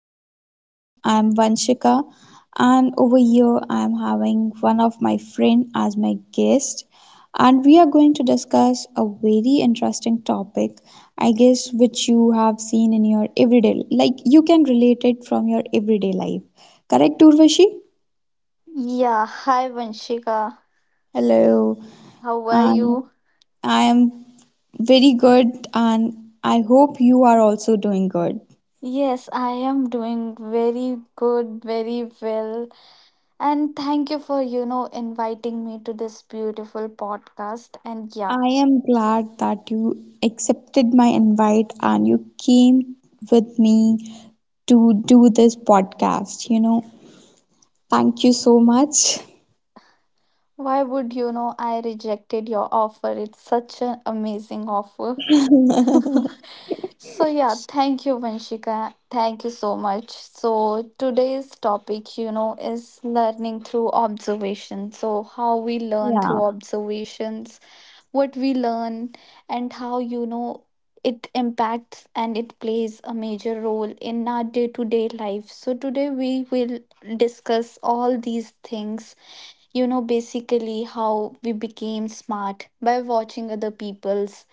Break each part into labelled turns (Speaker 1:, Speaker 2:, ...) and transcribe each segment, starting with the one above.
Speaker 1: our podcast. I'm Vanshika, and over here I'm having one of my friend as my guest, and we are going to discuss a very interesting topic, I guess, which you have seen in your everyday, like you can relate it from your everyday life. Correct, Urvashi?
Speaker 2: Yeah, hi Vanshika.
Speaker 1: Hello,
Speaker 2: How are
Speaker 1: and
Speaker 2: you?
Speaker 1: I am very good, and I hope you are also doing good.
Speaker 2: Yes, I am doing very good, very well. And thank you for, inviting me to this beautiful podcast. And yeah,
Speaker 1: I am glad that you accepted my invite and you came with me to do this podcast. Thank you so much.
Speaker 2: why would I rejected your offer? It's such an amazing offer. So yeah, thank you, Vanshika. Thank you so much. So today's topic, is learning through observation. So how we learn through
Speaker 1: yeah.
Speaker 2: observations, what we learn, and how it impacts and it plays a major role in our day-to-day life. So today we will discuss all these things, basically how we became smart by watching other people's,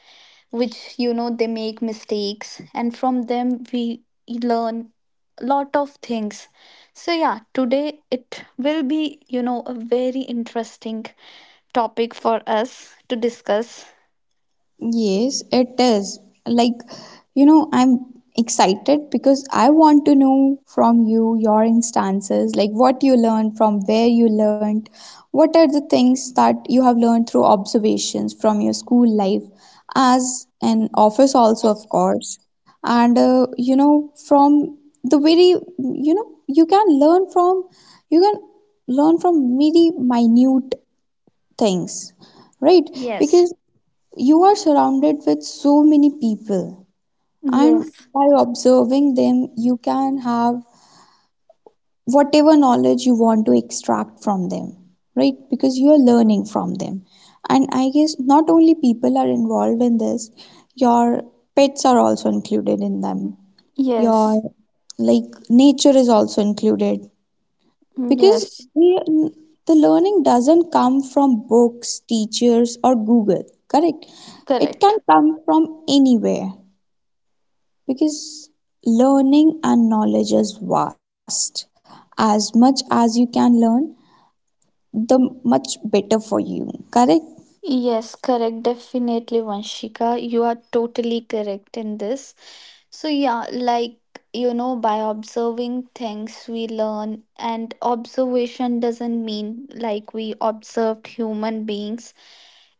Speaker 2: which they make mistakes and from them we learn a lot of things. So yeah, today it will be, a very interesting topic for us to discuss.
Speaker 1: Yes, it is. Like, I'm excited because I want to know from you your instances, like what you learned, from where you learned, what are the things that you have learned through observations from your school life, as an office also, of course. And, from the very, you can learn from, you can very minute things, right?
Speaker 2: Yes,
Speaker 1: Because you are surrounded with so many people, and
Speaker 2: yes,
Speaker 1: by observing them, you can have whatever knowledge you want to extract from them, right? Because you are learning from them. And I guess not only people are involved in this, your pets are also included in them. Your
Speaker 2: yes,
Speaker 1: like nature is also included because
Speaker 2: yes,
Speaker 1: we, the learning doesn't come from books, teachers, or Google, correct? It can
Speaker 2: correct.
Speaker 1: come from anywhere because learning and knowledge is vast. As much as you can learn, the much better for you, correct?
Speaker 2: Yes, correct. Definitely, Vanshika. You are totally correct in this. So, yeah, like, by observing things, we learn, and observation doesn't mean like we observed human beings.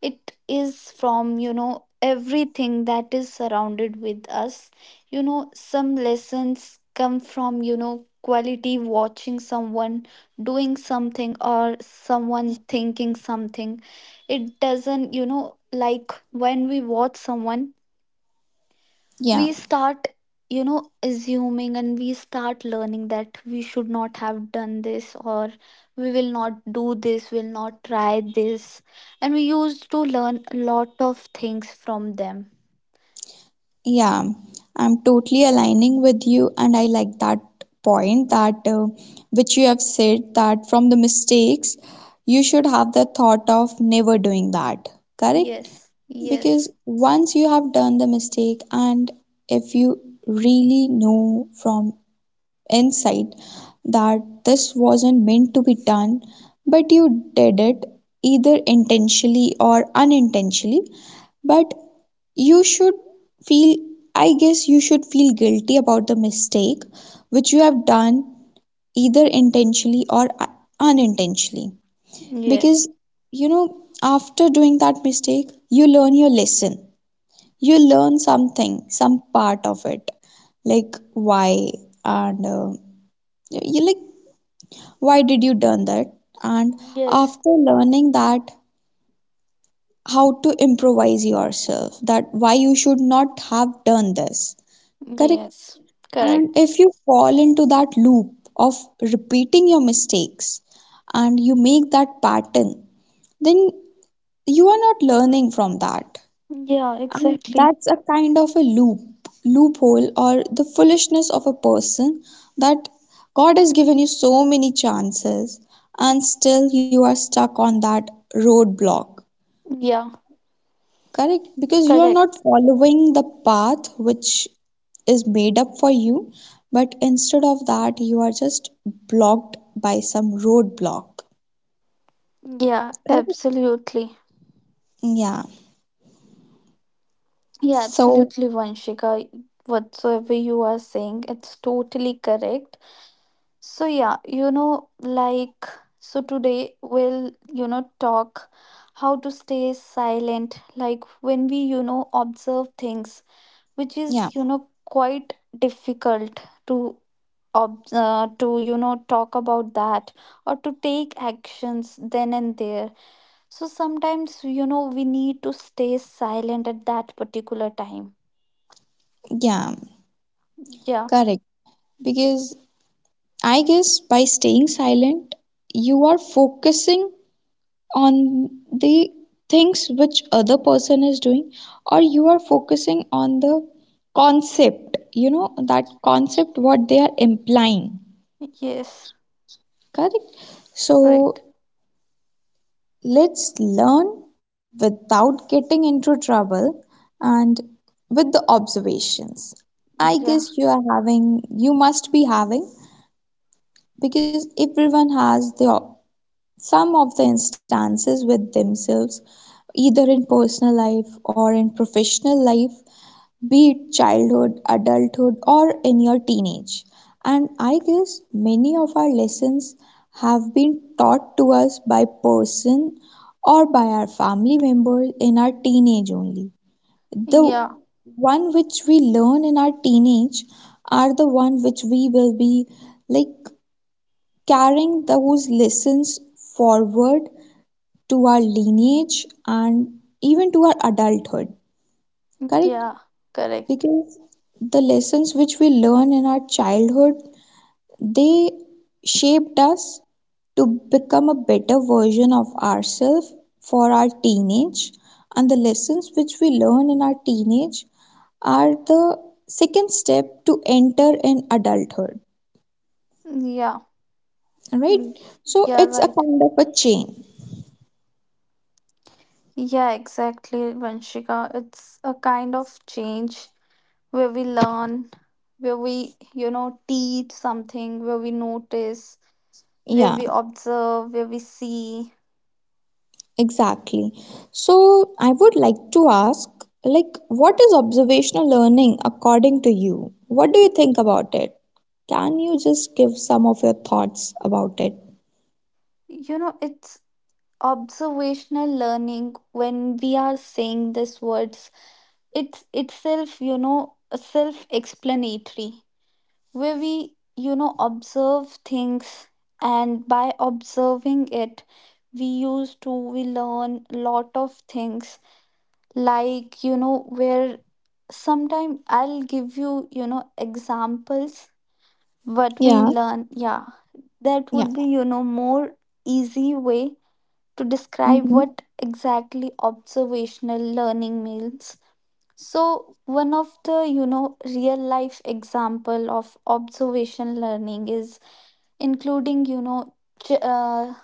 Speaker 2: It is from, everything that is surrounded with us. You know, some lessons come from, quality watching someone doing something or someone thinking something. It doesn't, like when we watch someone,
Speaker 1: Yeah.
Speaker 2: we start, assuming and we start learning that we should not have done this, or we will not do this, will not try this, and we used to learn a lot of things from them.
Speaker 1: Yeah, I'm totally aligning with you, and I like that point that which you have said that from the mistakes, you should have the thought of never doing that, correct?
Speaker 2: Yes,
Speaker 1: Because
Speaker 2: yes,
Speaker 1: once you have done the mistake, and if you really know from inside that this wasn't meant to be done, but you did it either intentionally or unintentionally, but you should feel, I guess, you should feel guilty about the mistake which you have done either intentionally or unintentionally. Because,
Speaker 2: yes,
Speaker 1: after doing that mistake, you learn your lesson. You learn something, some part of it, like why and you like why did you done that? And
Speaker 2: yes,
Speaker 1: after learning that, how to improvise yourself, that why you should not have done this. Correct.
Speaker 2: yes,
Speaker 1: And if
Speaker 2: correct.
Speaker 1: you fall into that loop of repeating your mistakes and you make that pattern, then you are not learning from that.
Speaker 2: Yeah,
Speaker 1: And
Speaker 2: exactly.
Speaker 1: that's a kind of a loophole, or the foolishness of a person that God has given you so many chances and still you are stuck on that roadblock.
Speaker 2: Yeah,
Speaker 1: Correct, because you are not
Speaker 2: correct.
Speaker 1: following the path which is made up for you, but instead of that, you are just blocked by some roadblock.
Speaker 2: Yeah,
Speaker 1: Correct?
Speaker 2: absolutely.
Speaker 1: Yeah.
Speaker 2: Yeah,
Speaker 1: So,
Speaker 2: absolutely, Vanshika. Whatsoever you are saying, it's totally correct. So, yeah, like, so today we'll, talk how to stay silent, like when we, observe things, which
Speaker 1: yeah,
Speaker 2: is, quite difficult to. To talk about that, or to take actions then and there. So sometimes, we need to stay silent at that particular time.
Speaker 1: yeah,
Speaker 2: Yeah,
Speaker 1: correct. Because I guess by staying silent, you are focusing on the things which other person is doing, or you are focusing on the concept, that concept what they are implying.
Speaker 2: yes,
Speaker 1: Correct.
Speaker 2: correct.
Speaker 1: So let's learn without getting into trouble and with the observations. I
Speaker 2: Yeah,
Speaker 1: guess you must be having, because everyone has the some of the instances with themselves, either in personal life or in professional life, be it childhood, adulthood, or in your teenage. And I guess many of our lessons have been taught to us by person or by our family members in our teenage only. The
Speaker 2: yeah,
Speaker 1: one which we learn in our teenage are the one which we will be like carrying those lessons forward to our lineage and even to our adulthood, correct?
Speaker 2: yeah, correct.
Speaker 1: Because the lessons which we learn in our childhood, they shaped us to become a better version of ourselves for our teenage, and the lessons which we learn in our teenage are the second step to enter in adulthood,
Speaker 2: Yeah,
Speaker 1: right?
Speaker 2: mm,
Speaker 1: So
Speaker 2: yeah,
Speaker 1: it's a
Speaker 2: right.
Speaker 1: kind of a chain.
Speaker 2: Yeah, exactly, Vanshika. It's a kind of change where we learn, where we, teach something, where we notice, where
Speaker 1: Yeah.
Speaker 2: we observe, where we see.
Speaker 1: Exactly. So, I would like to ask like what is observational learning according to you? What do you think about it? Can you just give some of your thoughts about it?
Speaker 2: It's observational learning when we are saying these words. It's itself, self explanatory, where we, observe things, and by observing it, we used to we learn a lot of things. Like, where sometime I'll give you, examples what we
Speaker 1: Yeah,
Speaker 2: learn. Yeah, that
Speaker 1: yeah.
Speaker 2: would be, more easy way to describe
Speaker 1: Mm-hmm.
Speaker 2: what exactly observational learning means. So one of the, real life example of observation learning is including, ch- uh,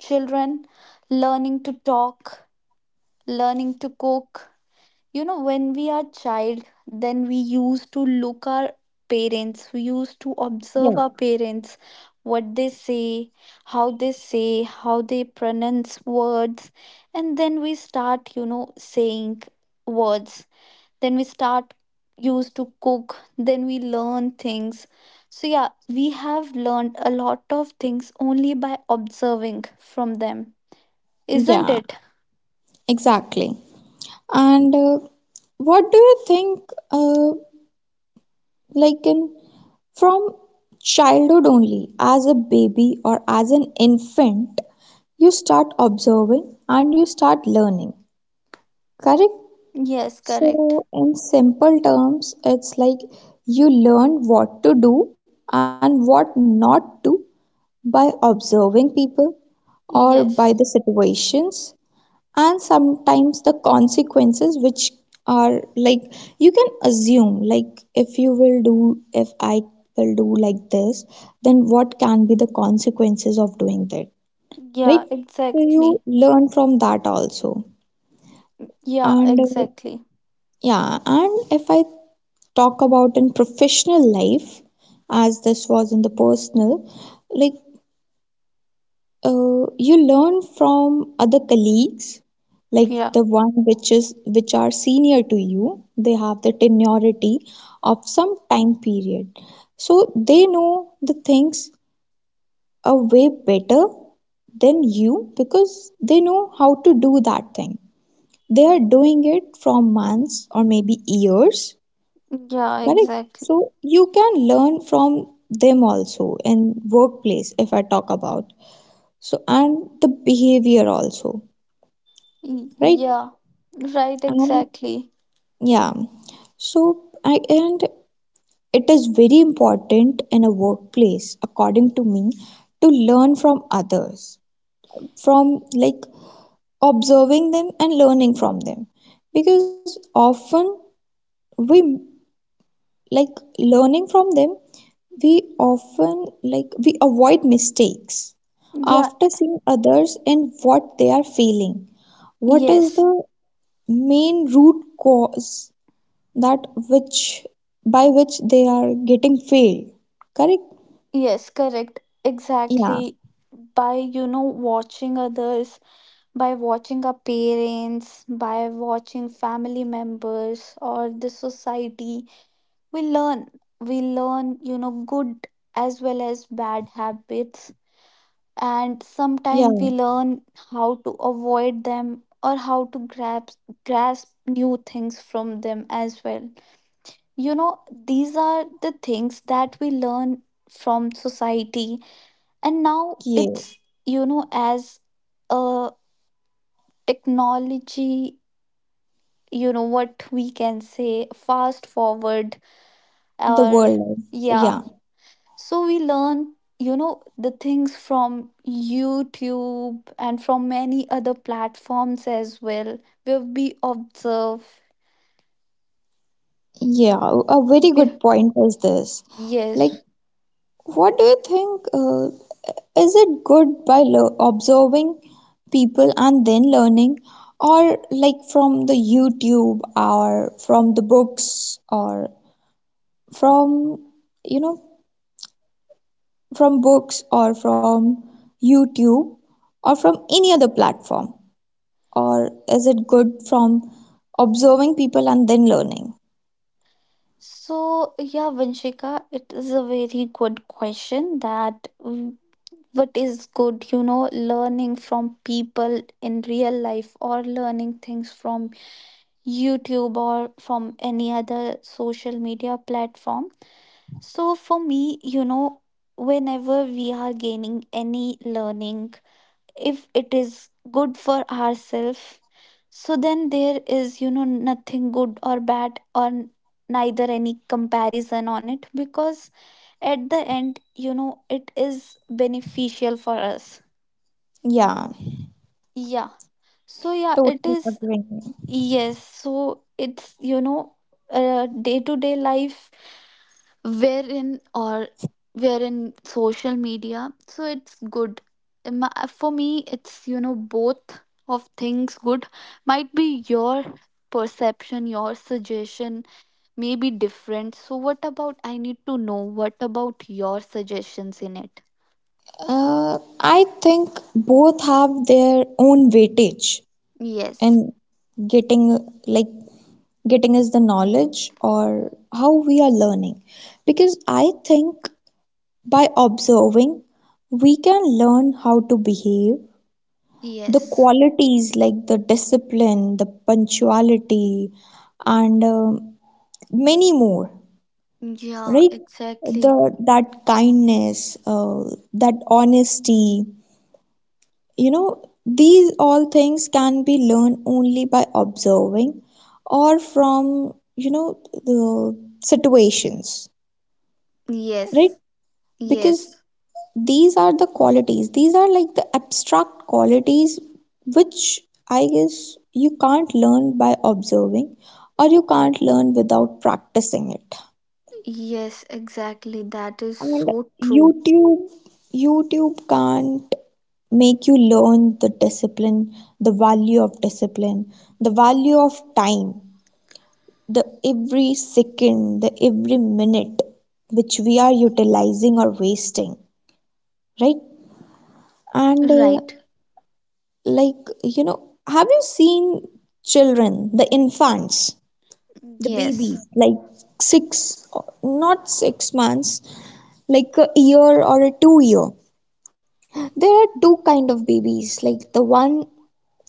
Speaker 2: children learning to talk, learning to cook. When we are child, then we used to look our parents. We used to observe
Speaker 1: Yeah.
Speaker 2: our parents, what they say, how they say, how they pronounce words, and then we start, saying words, then we start used to cook, then we learn things. So yeah, we have learned a lot of things only by observing from them, isn't
Speaker 1: Yeah,
Speaker 2: it?
Speaker 1: exactly. And what do you think uh, like in from childhood only as a baby or as an infant, you start observing and you start learning, correct?
Speaker 2: Yes, correct.
Speaker 1: So, in simple terms, it's like you learn what to do and what not to by observing people or by the
Speaker 2: Yes.
Speaker 1: situations, and sometimes the consequences which are like you can assume, like if I will do like this, then what can be the consequences of doing that, right?
Speaker 2: Yeah,
Speaker 1: So you
Speaker 2: exactly.
Speaker 1: learn from that also.
Speaker 2: Yeah,
Speaker 1: And
Speaker 2: exactly.
Speaker 1: yeah, and if I talk about in professional life, as this was in the personal, like you learn from other colleagues, like
Speaker 2: Yeah.
Speaker 1: the one which are senior to you. They have the tenority of some time period, so they know the things a way better than you because they know how to do that thing. They are doing it from months or maybe years.
Speaker 2: Yeah,
Speaker 1: Correct.
Speaker 2: exactly.
Speaker 1: So you can learn from them also in workplace if I talk about. So and the behavior also, right?
Speaker 2: Yeah, right,
Speaker 1: And
Speaker 2: exactly.
Speaker 1: yeah. So I and it is very important in a workplace, according to me, to learn from others, from like observing them and learning from them. Because often we like learning from them, we often like we avoid mistakes
Speaker 2: Yeah.
Speaker 1: after seeing others and what they are feeling, what is
Speaker 2: Yes,
Speaker 1: the main root cause that which by which they are getting failed, correct?
Speaker 2: yes, correct.
Speaker 1: Yeah,
Speaker 2: Exactly. By, watching others, by watching our parents, by watching family members or the society. We learn, good as well as bad habits, and
Speaker 1: yeah,
Speaker 2: sometimes we learn how to avoid them or how to grasp new things from them as well. These are the things that we learn from society, and now
Speaker 1: yes,
Speaker 2: it's, as a technology, what we can say, fast forward
Speaker 1: the
Speaker 2: or
Speaker 1: world, yeah,
Speaker 2: yeah. So we learn, the things from YouTube and from many other platforms as well, where we observe.
Speaker 1: yeah, a very good
Speaker 2: we-
Speaker 1: point is this, like,
Speaker 2: yes.
Speaker 1: what do you think? Is it good by observing people and then learning, or like from the YouTube or from the books or from you know from books or from YouTube or from any other platform? Or is it good from observing people and then learning?
Speaker 2: So yeah, Vanshika, it is a very good question that, what is good, learning from people in real life or learning things from YouTube or from any other social media platform. So, for me, whenever we are gaining any learning, if it is good for ourselves, so then there is, nothing good or bad, or neither any comparison on it, because at the end, it is beneficial for us.
Speaker 1: Yeah,
Speaker 2: Yeah. So, yeah, it
Speaker 1: totally
Speaker 2: is,
Speaker 1: agreeing.
Speaker 2: yes. So, it's, day to day life, wherein or wherein social media, so it's good. For me it's, both of things good. Might be your perception, your suggestion may be different. So what about, I need to know, what about your suggestions in it?
Speaker 1: I think both have their own weightage.
Speaker 2: Yes.
Speaker 1: And getting, like is the knowledge or how we are learning, because I think by observing we can learn how to behave, the
Speaker 2: Yes.
Speaker 1: qualities like the discipline, the punctuality, and many more,
Speaker 2: Yeah,
Speaker 1: right? The
Speaker 2: exactly.
Speaker 1: that kindness, that honesty, these all things can be learned only by observing or from the situations, right?
Speaker 2: Yes.
Speaker 1: Because
Speaker 2: Yes,
Speaker 1: these are the qualities, these are like the abstract qualities, which I guess you can't learn by observing, or you can't learn without practicing it.
Speaker 2: yes, exactly. That is
Speaker 1: And
Speaker 2: so true.
Speaker 1: YouTube, YouTube can't make you learn the discipline, the value of discipline, the value of time, the every second, the every minute which we are utilizing or wasting, right? And
Speaker 2: Right.
Speaker 1: like, have you seen children, the infants, the
Speaker 2: Yes.
Speaker 1: babies, like six, not 6 months, like a year or a 2 year? There are two kind of babies, like the one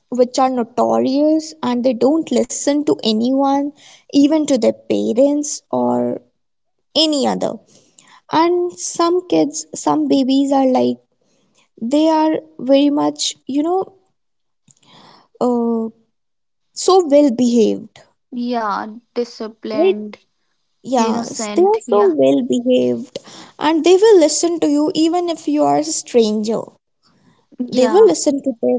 Speaker 1: which are notorious and they don't listen to anyone, even to their parents or any other. And some babies are like they are very much, uh, so well behaved,
Speaker 2: Yeah,
Speaker 1: right?
Speaker 2: disciplined,
Speaker 1: Yes, they are
Speaker 2: innocent.
Speaker 1: so
Speaker 2: Yeah.
Speaker 1: well behaved and they will listen to you even if you are a stranger. They will
Speaker 2: Yeah.
Speaker 1: listen to their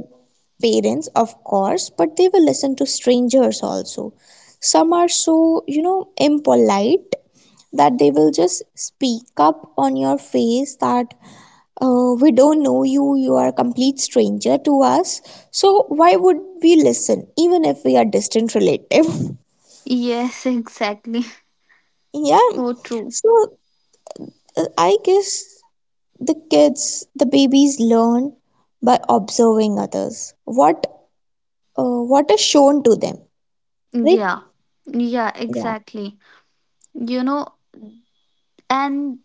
Speaker 1: parents, of course, but they will listen to strangers also. Some are so, impolite that they will just speak up on your face that we don't know you, you are a complete stranger to us. So, why would we listen, even if we are distant relative?
Speaker 2: Yes, exactly.
Speaker 1: yeah.
Speaker 2: So true.
Speaker 1: So, I guess the kids, the babies learn by observing others. What is shown to them, right?
Speaker 2: Yeah. Yeah,
Speaker 1: Yeah,
Speaker 2: exactly. You know, and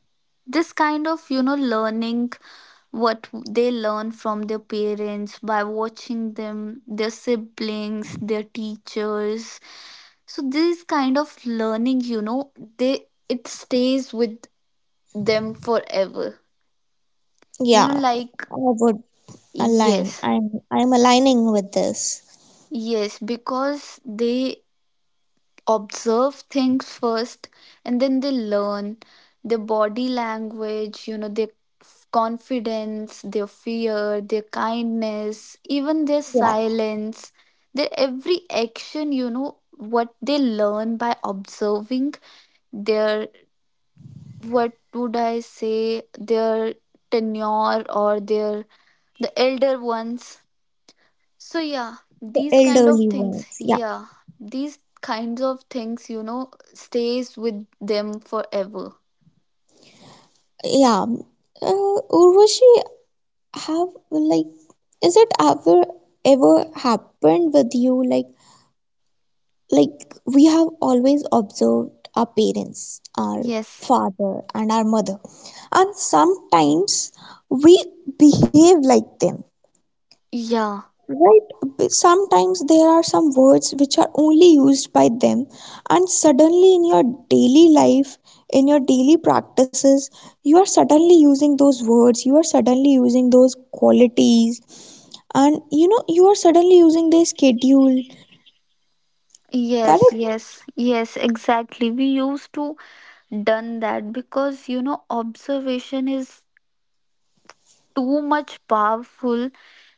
Speaker 2: this kind of, learning what they learn from their parents by watching them, their siblings, their teachers. So this kind of learning, they it stays with them forever.
Speaker 1: yeah,
Speaker 2: Like
Speaker 1: i would
Speaker 2: yes.
Speaker 1: I'm aligning with this,
Speaker 2: Yes, because they observe things first and then they learn their body language, their confidence, their fear, their kindness, even their
Speaker 1: yeah,
Speaker 2: silence, their every action, what they learn by observing their, what would I say, their tenure, or their, the elder ones. So yeah,
Speaker 1: the
Speaker 2: these kind of
Speaker 1: elderly
Speaker 2: things,
Speaker 1: ones, yeah,
Speaker 2: yeah, these kinds of things, stays with them forever.
Speaker 1: yeah. Urvashi, have, like, is it ever happened with you, like, like we have always observed our parents, our
Speaker 2: Yes.
Speaker 1: father and our mother, and sometimes we behave like them,
Speaker 2: Yeah.
Speaker 1: right? Sometimes there are some words which are only used by them, and suddenly in your daily life, in your daily practices, you are suddenly using those words, you are suddenly using those qualities, and you are suddenly using their schedule.
Speaker 2: Yes,
Speaker 1: Correct?
Speaker 2: yes, yes, exactly. We used to done that because, observation is too much powerful,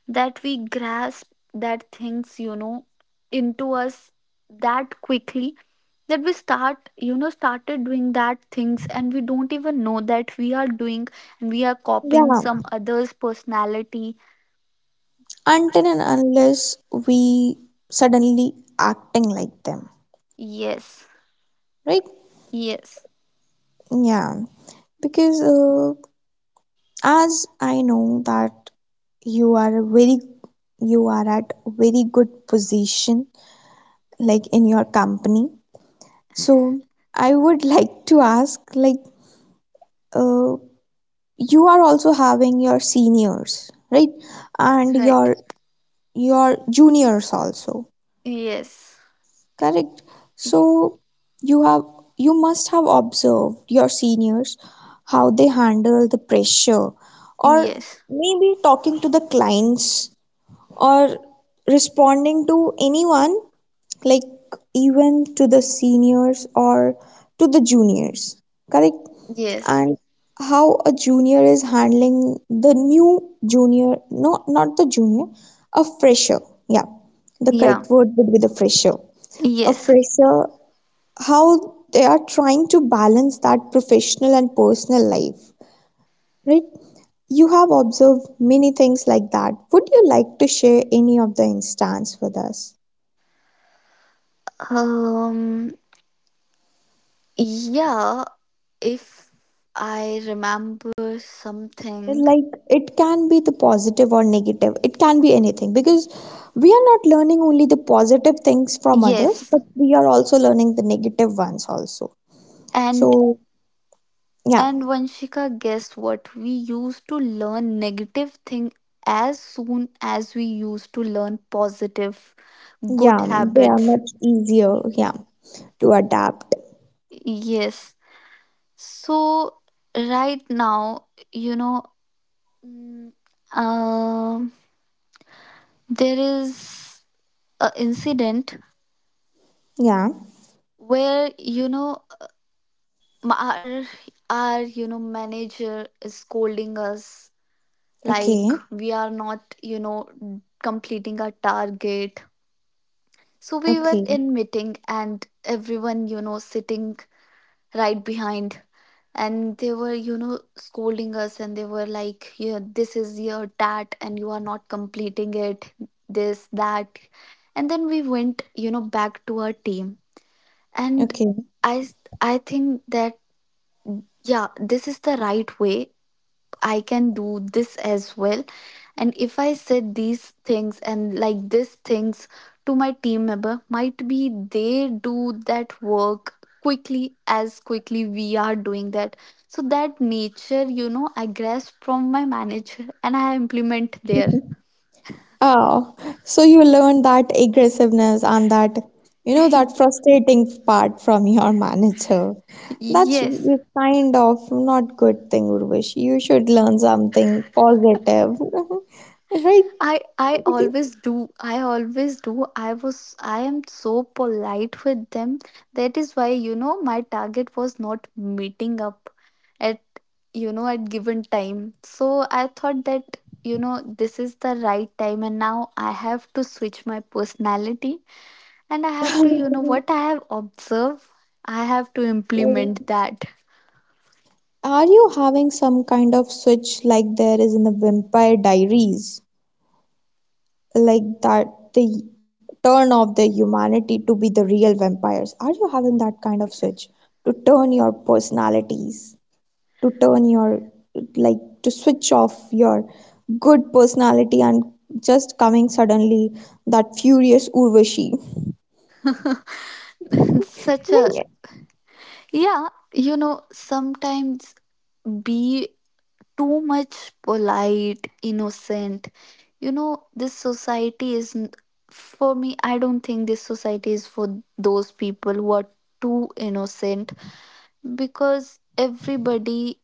Speaker 2: that we grasp that things, into us, that quickly, that we start, started doing that things and we don't even know that we are doing, and we are copying
Speaker 1: Yeah.
Speaker 2: some others personality.
Speaker 1: Until and unless we suddenly acting like them,
Speaker 2: Yes,
Speaker 1: right?
Speaker 2: yes,
Speaker 1: Yeah. Because as I know that you are very you are at very good position like in your company, so I would like to ask, like uh, you are also having your seniors, right? And
Speaker 2: right,
Speaker 1: your juniors also,
Speaker 2: yes.
Speaker 1: correct? So
Speaker 2: Y-
Speaker 1: you have you must have observed your seniors, how they handle the pressure, or
Speaker 2: yes,
Speaker 1: maybe talking to the clients, or responding to anyone, like even to the seniors or to the juniors, correct?
Speaker 2: yes,
Speaker 1: And how a junior is handling the new junior no not the junior a fresher, yeah, the
Speaker 2: yeah,
Speaker 1: correct word would be the fresher, a
Speaker 2: yes.
Speaker 1: fresher, how they are trying to balance that professional and personal life, right? You have observed many things like that. Would you like to share any of the instance with us?
Speaker 2: um yeah, if I remember
Speaker 1: It's
Speaker 2: something.
Speaker 1: like it can be the positive or negative, it can be anything, because we are not learning only the positive things from others,
Speaker 2: Yes.
Speaker 1: but we are also learning the negative ones also.
Speaker 2: And
Speaker 1: So yeah,
Speaker 2: and Vanshika, guess what? We used to learn negative thing as soon as we used to learn positive good
Speaker 1: yeah, they are
Speaker 2: habits.
Speaker 1: much easier, yeah, to adapt.
Speaker 2: Yes. So right now, you know, mm, um, there is a incident
Speaker 1: Yeah,
Speaker 2: where, m- our our manager is scolding us,
Speaker 1: okay,
Speaker 2: like we are not, completing our target. So we were
Speaker 1: okay,
Speaker 2: in meeting and everyone, sitting right behind, and they were, scolding us, and they were like, yeah, this is your that, and you are not completing it, this that. And then we went, back to our team, and
Speaker 1: okay.
Speaker 2: I think that yeah this is the right way, I can do this as well. And if I said these things and like these things to my team member, might be they do that work quickly as quickly we are doing that. So that nature, I grasp from my manager and I implement there.
Speaker 1: Oh, so you learned that aggressiveness and that, you know, that frustrating part from your manager. That's
Speaker 2: Yes.
Speaker 1: kind of not good thing, Urvashi. You should learn something positive, right?
Speaker 2: I
Speaker 1: Because,
Speaker 2: always do. I always do. I am so polite with them. That is why, my target was not meeting up at, at given time. So I thought that, this is the right time and now I have to switch my personality, and I have to, what I have observed, I have to
Speaker 1: uh,
Speaker 2: implement that.
Speaker 1: are you having some kind of switch like there is in the Vampire Diaries? Like that, the turn of the humanity to be the real vampires, are you having that kind of switch to turn your personalities, to turn your, like, to switch off your good personality and just coming suddenly that furious Urvashi, I
Speaker 2: Such a
Speaker 1: mean,
Speaker 2: yeah, sometimes be too much polite, innocent. This society is for me, I don't think this society is for those people who are too innocent, because everybody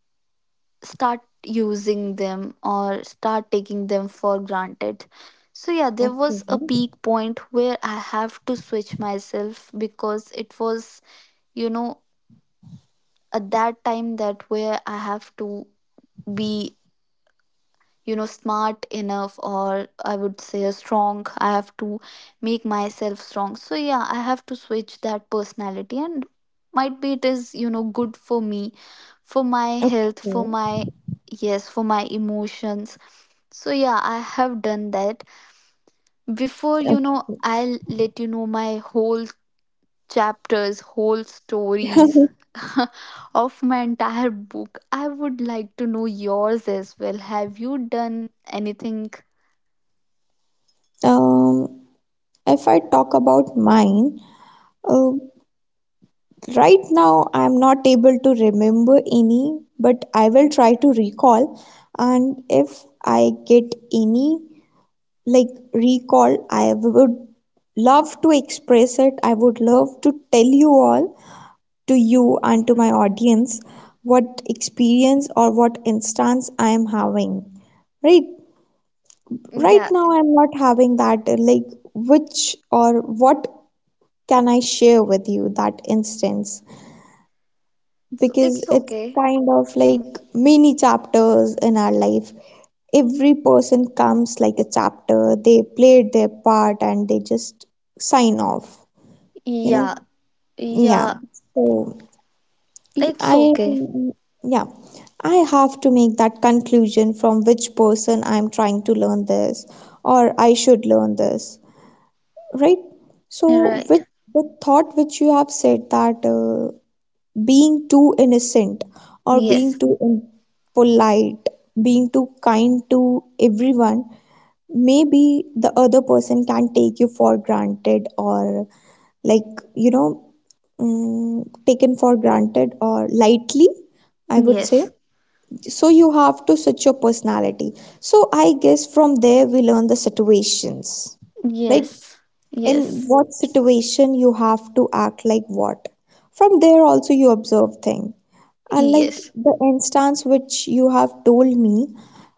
Speaker 2: start using them or start taking them for granted. So yeah, there
Speaker 1: okay,
Speaker 2: was a peak point where I have to switch myself because it was, you know, at that time, that where I have to be, smart enough, or I would say a strong, I have to make myself strong. So yeah, I have to switch that personality, and might be it is, good for me, for my
Speaker 1: okay,
Speaker 2: health, for
Speaker 1: okay.
Speaker 2: my yes, for my emotions. So yeah, I have done that. Before, I'll let you know my whole chapters, whole stories, of my entire book. I would like to know yours as well, have you done anything?
Speaker 1: um if I talk about mine, uh, right now, I'm not able to remember any, but I will try to recall. And if I get any, like recall, I would love to express it. I would love to tell you all, to you and to my audience, what experience or what instance I am having. Right, right
Speaker 2: Yeah,
Speaker 1: now, I'm not having that. Like, which or what can I share with you, that instance?
Speaker 2: it's
Speaker 1: Because
Speaker 2: it's
Speaker 1: it's
Speaker 2: okay.
Speaker 1: kind of like mini chapters in our life. Every person comes like a chapter, they played their part and they just sign off, you know?
Speaker 2: Yeah,
Speaker 1: Yeah.
Speaker 2: yeah,
Speaker 1: So y-
Speaker 2: it's
Speaker 1: I,
Speaker 2: okay.
Speaker 1: yeah, I have to make that conclusion from which person I'm trying to learn this, or I should learn this, right? So,
Speaker 2: Right.
Speaker 1: which, the thought which you have said, that being too innocent or being
Speaker 2: Yes.
Speaker 1: too polite, being too kind to everyone, maybe the other person can take you for granted, or like, you know, taken for granted or lightly, I would say.
Speaker 2: Yes.
Speaker 1: So you have to switch your personality, so I guess from there we learn the situations, right?
Speaker 2: Yes.
Speaker 1: In
Speaker 2: Yes.
Speaker 1: what situation you have to act like what, from there also you observe thing. And like
Speaker 2: Yes.
Speaker 1: the instance which you have told me,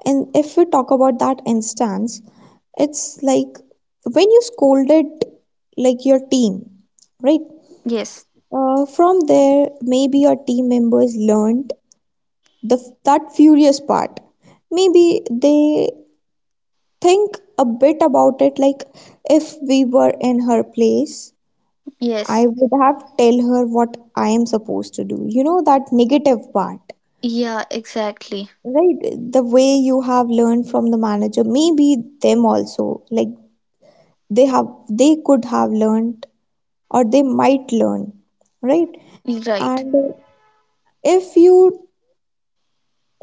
Speaker 1: and if we talk about that instance, it's like when you scolded, like, your team, right?
Speaker 2: Yes.
Speaker 1: From there maybe your team members learned the, that furious part, maybe they think a bit about it, like, if we were in her place, I
Speaker 2: Yes.
Speaker 1: would have tell her what I am supposed to do. You know, that negative part,
Speaker 2: Yeah, exactly.
Speaker 1: right? The way you have learned from the manager, maybe them also, like, they could have learned, or they might learn, right?
Speaker 2: Right.
Speaker 1: And if you,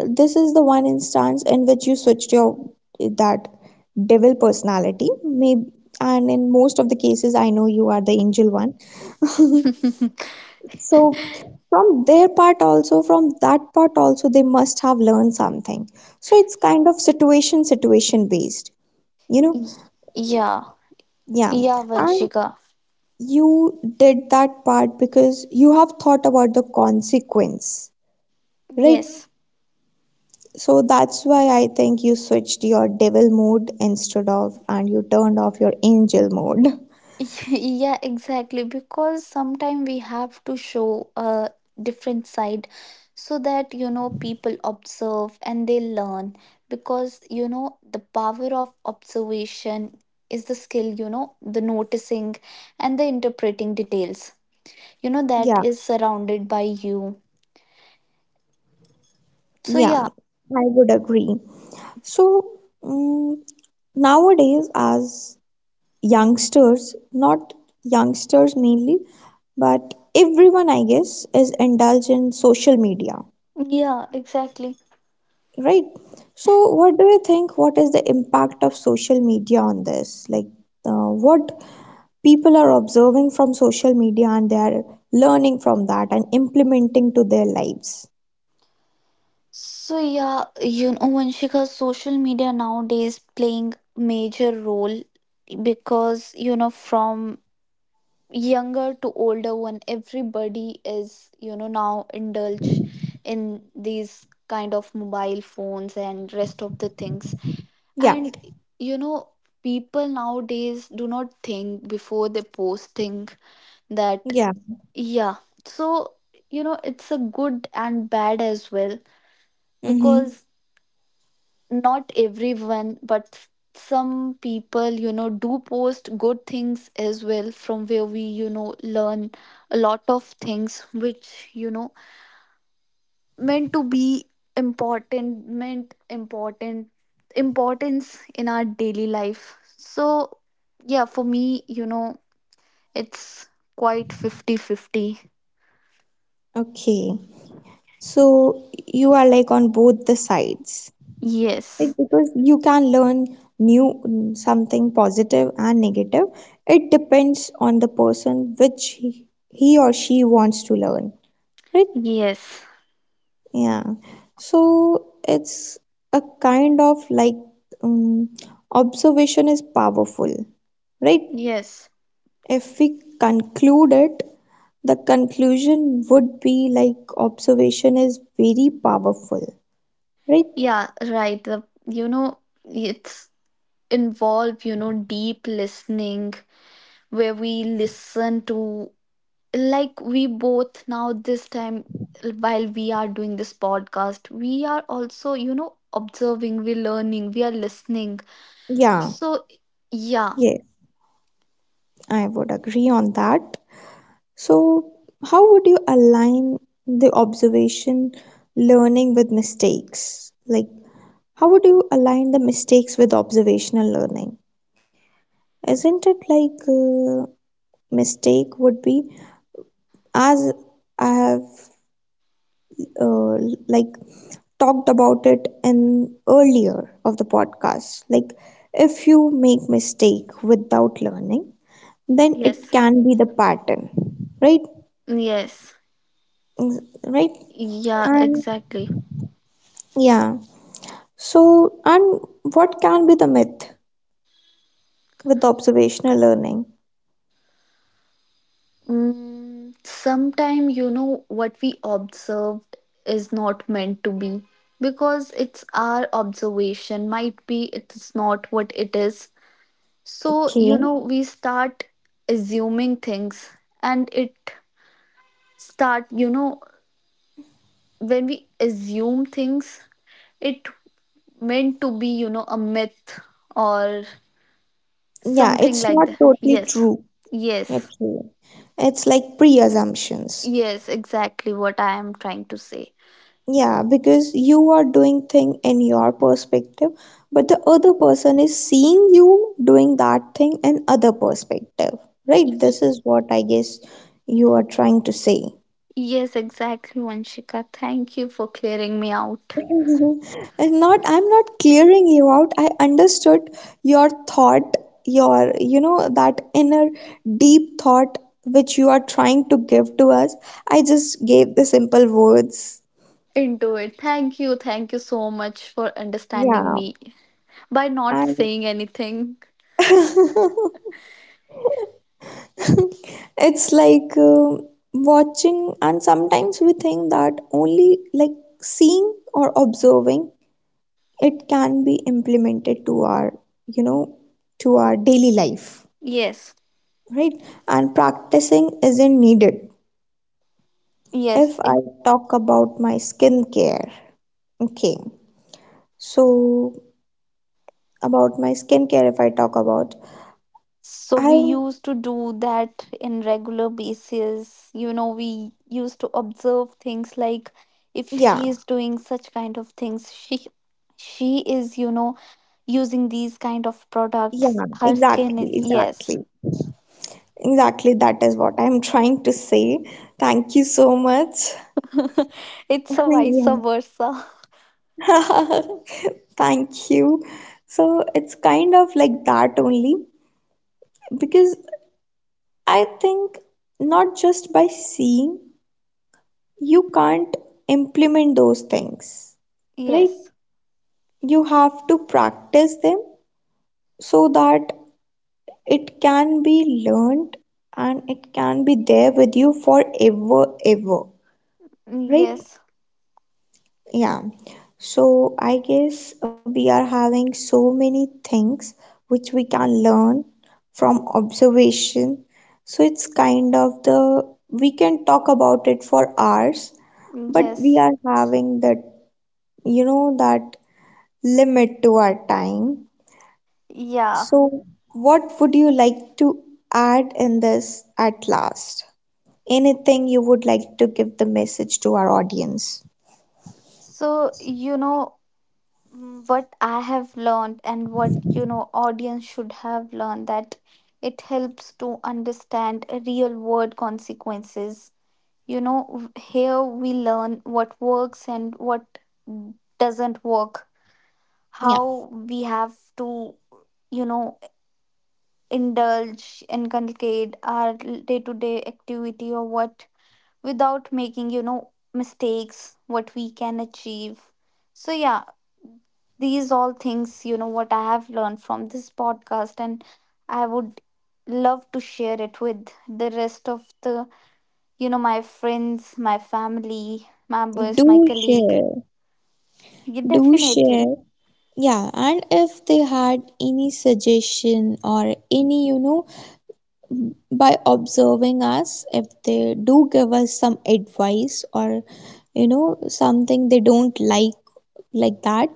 Speaker 1: this is the one instance in which you switched your, that devil personality, maybe, and in most of the cases, I know you are the angel one. So from their part also, from that part also, they must have learned something. So it's kind of situation based, you know?
Speaker 2: Y- Yeah.
Speaker 1: Yeah.
Speaker 2: Yeah,
Speaker 1: And
Speaker 2: Vanshika.
Speaker 1: you did that part because you have thought about the consequence, right?
Speaker 2: Yes.
Speaker 1: So that's why I think you switched your devil mode instead of, and you turned off your angel mode.
Speaker 2: Yeah, exactly, because sometimes we have to show a different side, so that, people observe and they learn, because, the power of observation is the skill, the noticing and the interpreting details, that
Speaker 1: Yeah,
Speaker 2: is surrounded by you. So yeah.
Speaker 1: yeah, I would agree. So, nowadays, as youngsters, not youngsters mainly, but everyone, I guess, is indulged in social media,
Speaker 2: Yeah, exactly.
Speaker 1: right? So, what do you think? What is the impact of social media on this? Like, what people are observing from social media, and they are learning from that and implementing to their lives.
Speaker 2: So yeah, Vanshika, social media nowadays playing major role, because, from younger to older one, everybody is, now indulge in these kind of mobile phones and rest of the things,
Speaker 1: Yeah,
Speaker 2: and, you know people nowadays do not think before they posting that,
Speaker 1: yeah.
Speaker 2: yeah. So, it's a good and bad as well,
Speaker 1: Mm-hmm.
Speaker 2: because not everyone, but some people, do post good things as well, from where we, learn a lot of things, which, meant to be important, meant important importance in our daily life. So yeah, for me, it's quite 50/50.
Speaker 1: Okay. So, you are like on both the sides. Right,
Speaker 2: Yes,
Speaker 1: because you can learn new, something positive and negative. It depends on the person which he or she wants to learn. Right?
Speaker 2: yes,
Speaker 1: Yeah. So it's a kind of like, um, observation is powerful. Right?
Speaker 2: yes.
Speaker 1: If we conclude it, the conclusion would be like, observation is very powerful. Right?
Speaker 2: Yeah, right. The, it's involve, deep listening, where we listen to, like we both now this time, while we are doing this podcast, we are also, observing, we're learning, we are listening.
Speaker 1: Yeah.
Speaker 2: So yeah.
Speaker 1: Yes, I would agree on that. So, how would you align the observation learning with mistakes? Like, how would you align the mistakes with observational learning? Isn't it like, mistake would be, as I have, uh, like, talked about it in earlier of the podcast, like, if you make mistake without learning, then it
Speaker 2: Yes,
Speaker 1: can be the pattern, right?
Speaker 2: yes.
Speaker 1: Mm, right,
Speaker 2: Yeah,
Speaker 1: and
Speaker 2: exactly.
Speaker 1: yeah. So, and what can be the myth with observational learning?
Speaker 2: Sometime, what we observed is not meant to be, because it's our observation. Might be it's not what it is. So,
Speaker 1: Okay.
Speaker 2: we start assuming things, and it start, when we assume things, it meant to be, a myth or
Speaker 1: Yeah,
Speaker 2: something
Speaker 1: it's
Speaker 2: like
Speaker 1: not
Speaker 2: that,
Speaker 1: totally
Speaker 2: yes.
Speaker 1: true.
Speaker 2: Yes,
Speaker 1: Okay. It's like pre-assumptions.
Speaker 2: yes, exactly what I am trying to say.
Speaker 1: Yeah, because you are doing thing in your perspective, but the other person is seeing you doing that thing in other perspective. Right? This
Speaker 2: Y-
Speaker 1: is what I guess you are trying to say.
Speaker 2: yes exactly, Vanshika, thank you for clearing me out
Speaker 1: And not I'm not clearing you out, I understood your thought, your, you know, that inner deep thought which you are trying to give to us, I just gave the simple words.
Speaker 2: into it. Thank you, thank you so much for understanding
Speaker 1: Yeah.
Speaker 2: me by not
Speaker 1: And
Speaker 2: saying anything.
Speaker 1: it's like, watching, and sometimes we think that only, like, seeing or observing, it can be implemented to our, you know, to our daily life,
Speaker 2: Yes.
Speaker 1: right? And practicing isn't needed.
Speaker 2: Yes,
Speaker 1: If
Speaker 2: it,
Speaker 1: I talk about my skincare, okay. So about my skincare, if I talk about,
Speaker 2: so we
Speaker 1: I,
Speaker 2: used to do that in regular basis. We used to observe things like if
Speaker 1: yeah,
Speaker 2: she is doing such kind of things, she is, using these kind of products.
Speaker 1: yeah,
Speaker 2: Her skin
Speaker 1: exactly,
Speaker 2: is
Speaker 1: exactly,
Speaker 2: yes.
Speaker 1: exactly, that is what I'm trying to say. Thank you so much.
Speaker 2: It's a vice versa.
Speaker 1: Yeah. Thank you. So it's kind of like that only, because I think not just by seeing you can't implement those things, right?
Speaker 2: Yes.
Speaker 1: You have to practice them, so that it can be learned, and it can be there with you forever ever, right?
Speaker 2: Yes.
Speaker 1: Yeah. So I guess we are having so many things which we can learn from observation, so it's kind of the, we can talk about it for hours, but we
Speaker 2: Yes.
Speaker 1: are having that, you know, that limit to our time.
Speaker 2: Yeah.
Speaker 1: So, what would you like to add in this at last? Anything you would like to give the message to our audience?
Speaker 2: So, what I have learned and what, audience should have learned, that it helps to understand real world consequences. Here we learn what works and what doesn't work,
Speaker 1: Yeah,
Speaker 2: how we have to, you know, indulge, inculcate our day to day activity, or what without making, mistakes, what we can achieve. So, yeah, these all things, what I have learned from this podcast, and I would love to share it with the rest of the, my friends, my family
Speaker 1: do
Speaker 2: members, my colleague.
Speaker 1: share,
Speaker 2: Yeah,
Speaker 1: do
Speaker 2: definitely.
Speaker 1: share. Yeah, and if they had any suggestion or any, you know, by observing us, if they do give us some advice or, you know, something they don't like that,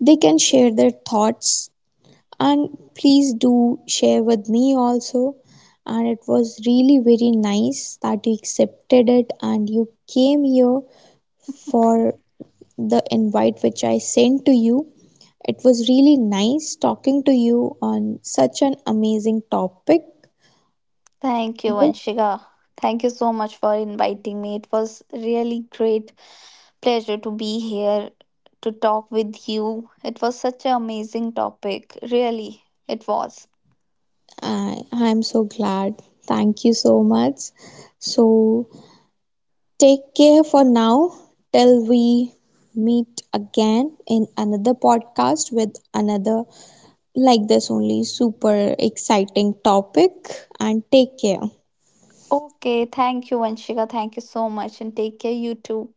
Speaker 1: they can share their thoughts, and please do share with me also. And it was really very nice that you accepted it and you came here for the invite which I sent to you. It was really nice talking to you on such an amazing topic.
Speaker 2: Thank you, Vanshika. Thank you so much for inviting me. It was really great pleasure to be here to talk with you. It was such an amazing topic. Really, it was.
Speaker 1: I am so glad. Thank you so much. So, take care for now, till we meet again in another podcast with another, like this only, super exciting topic, and take care.
Speaker 2: Okay, thank you, Vanshika. Thank you so much and take care, you too.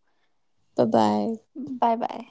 Speaker 1: Bye bye.
Speaker 2: Bye bye.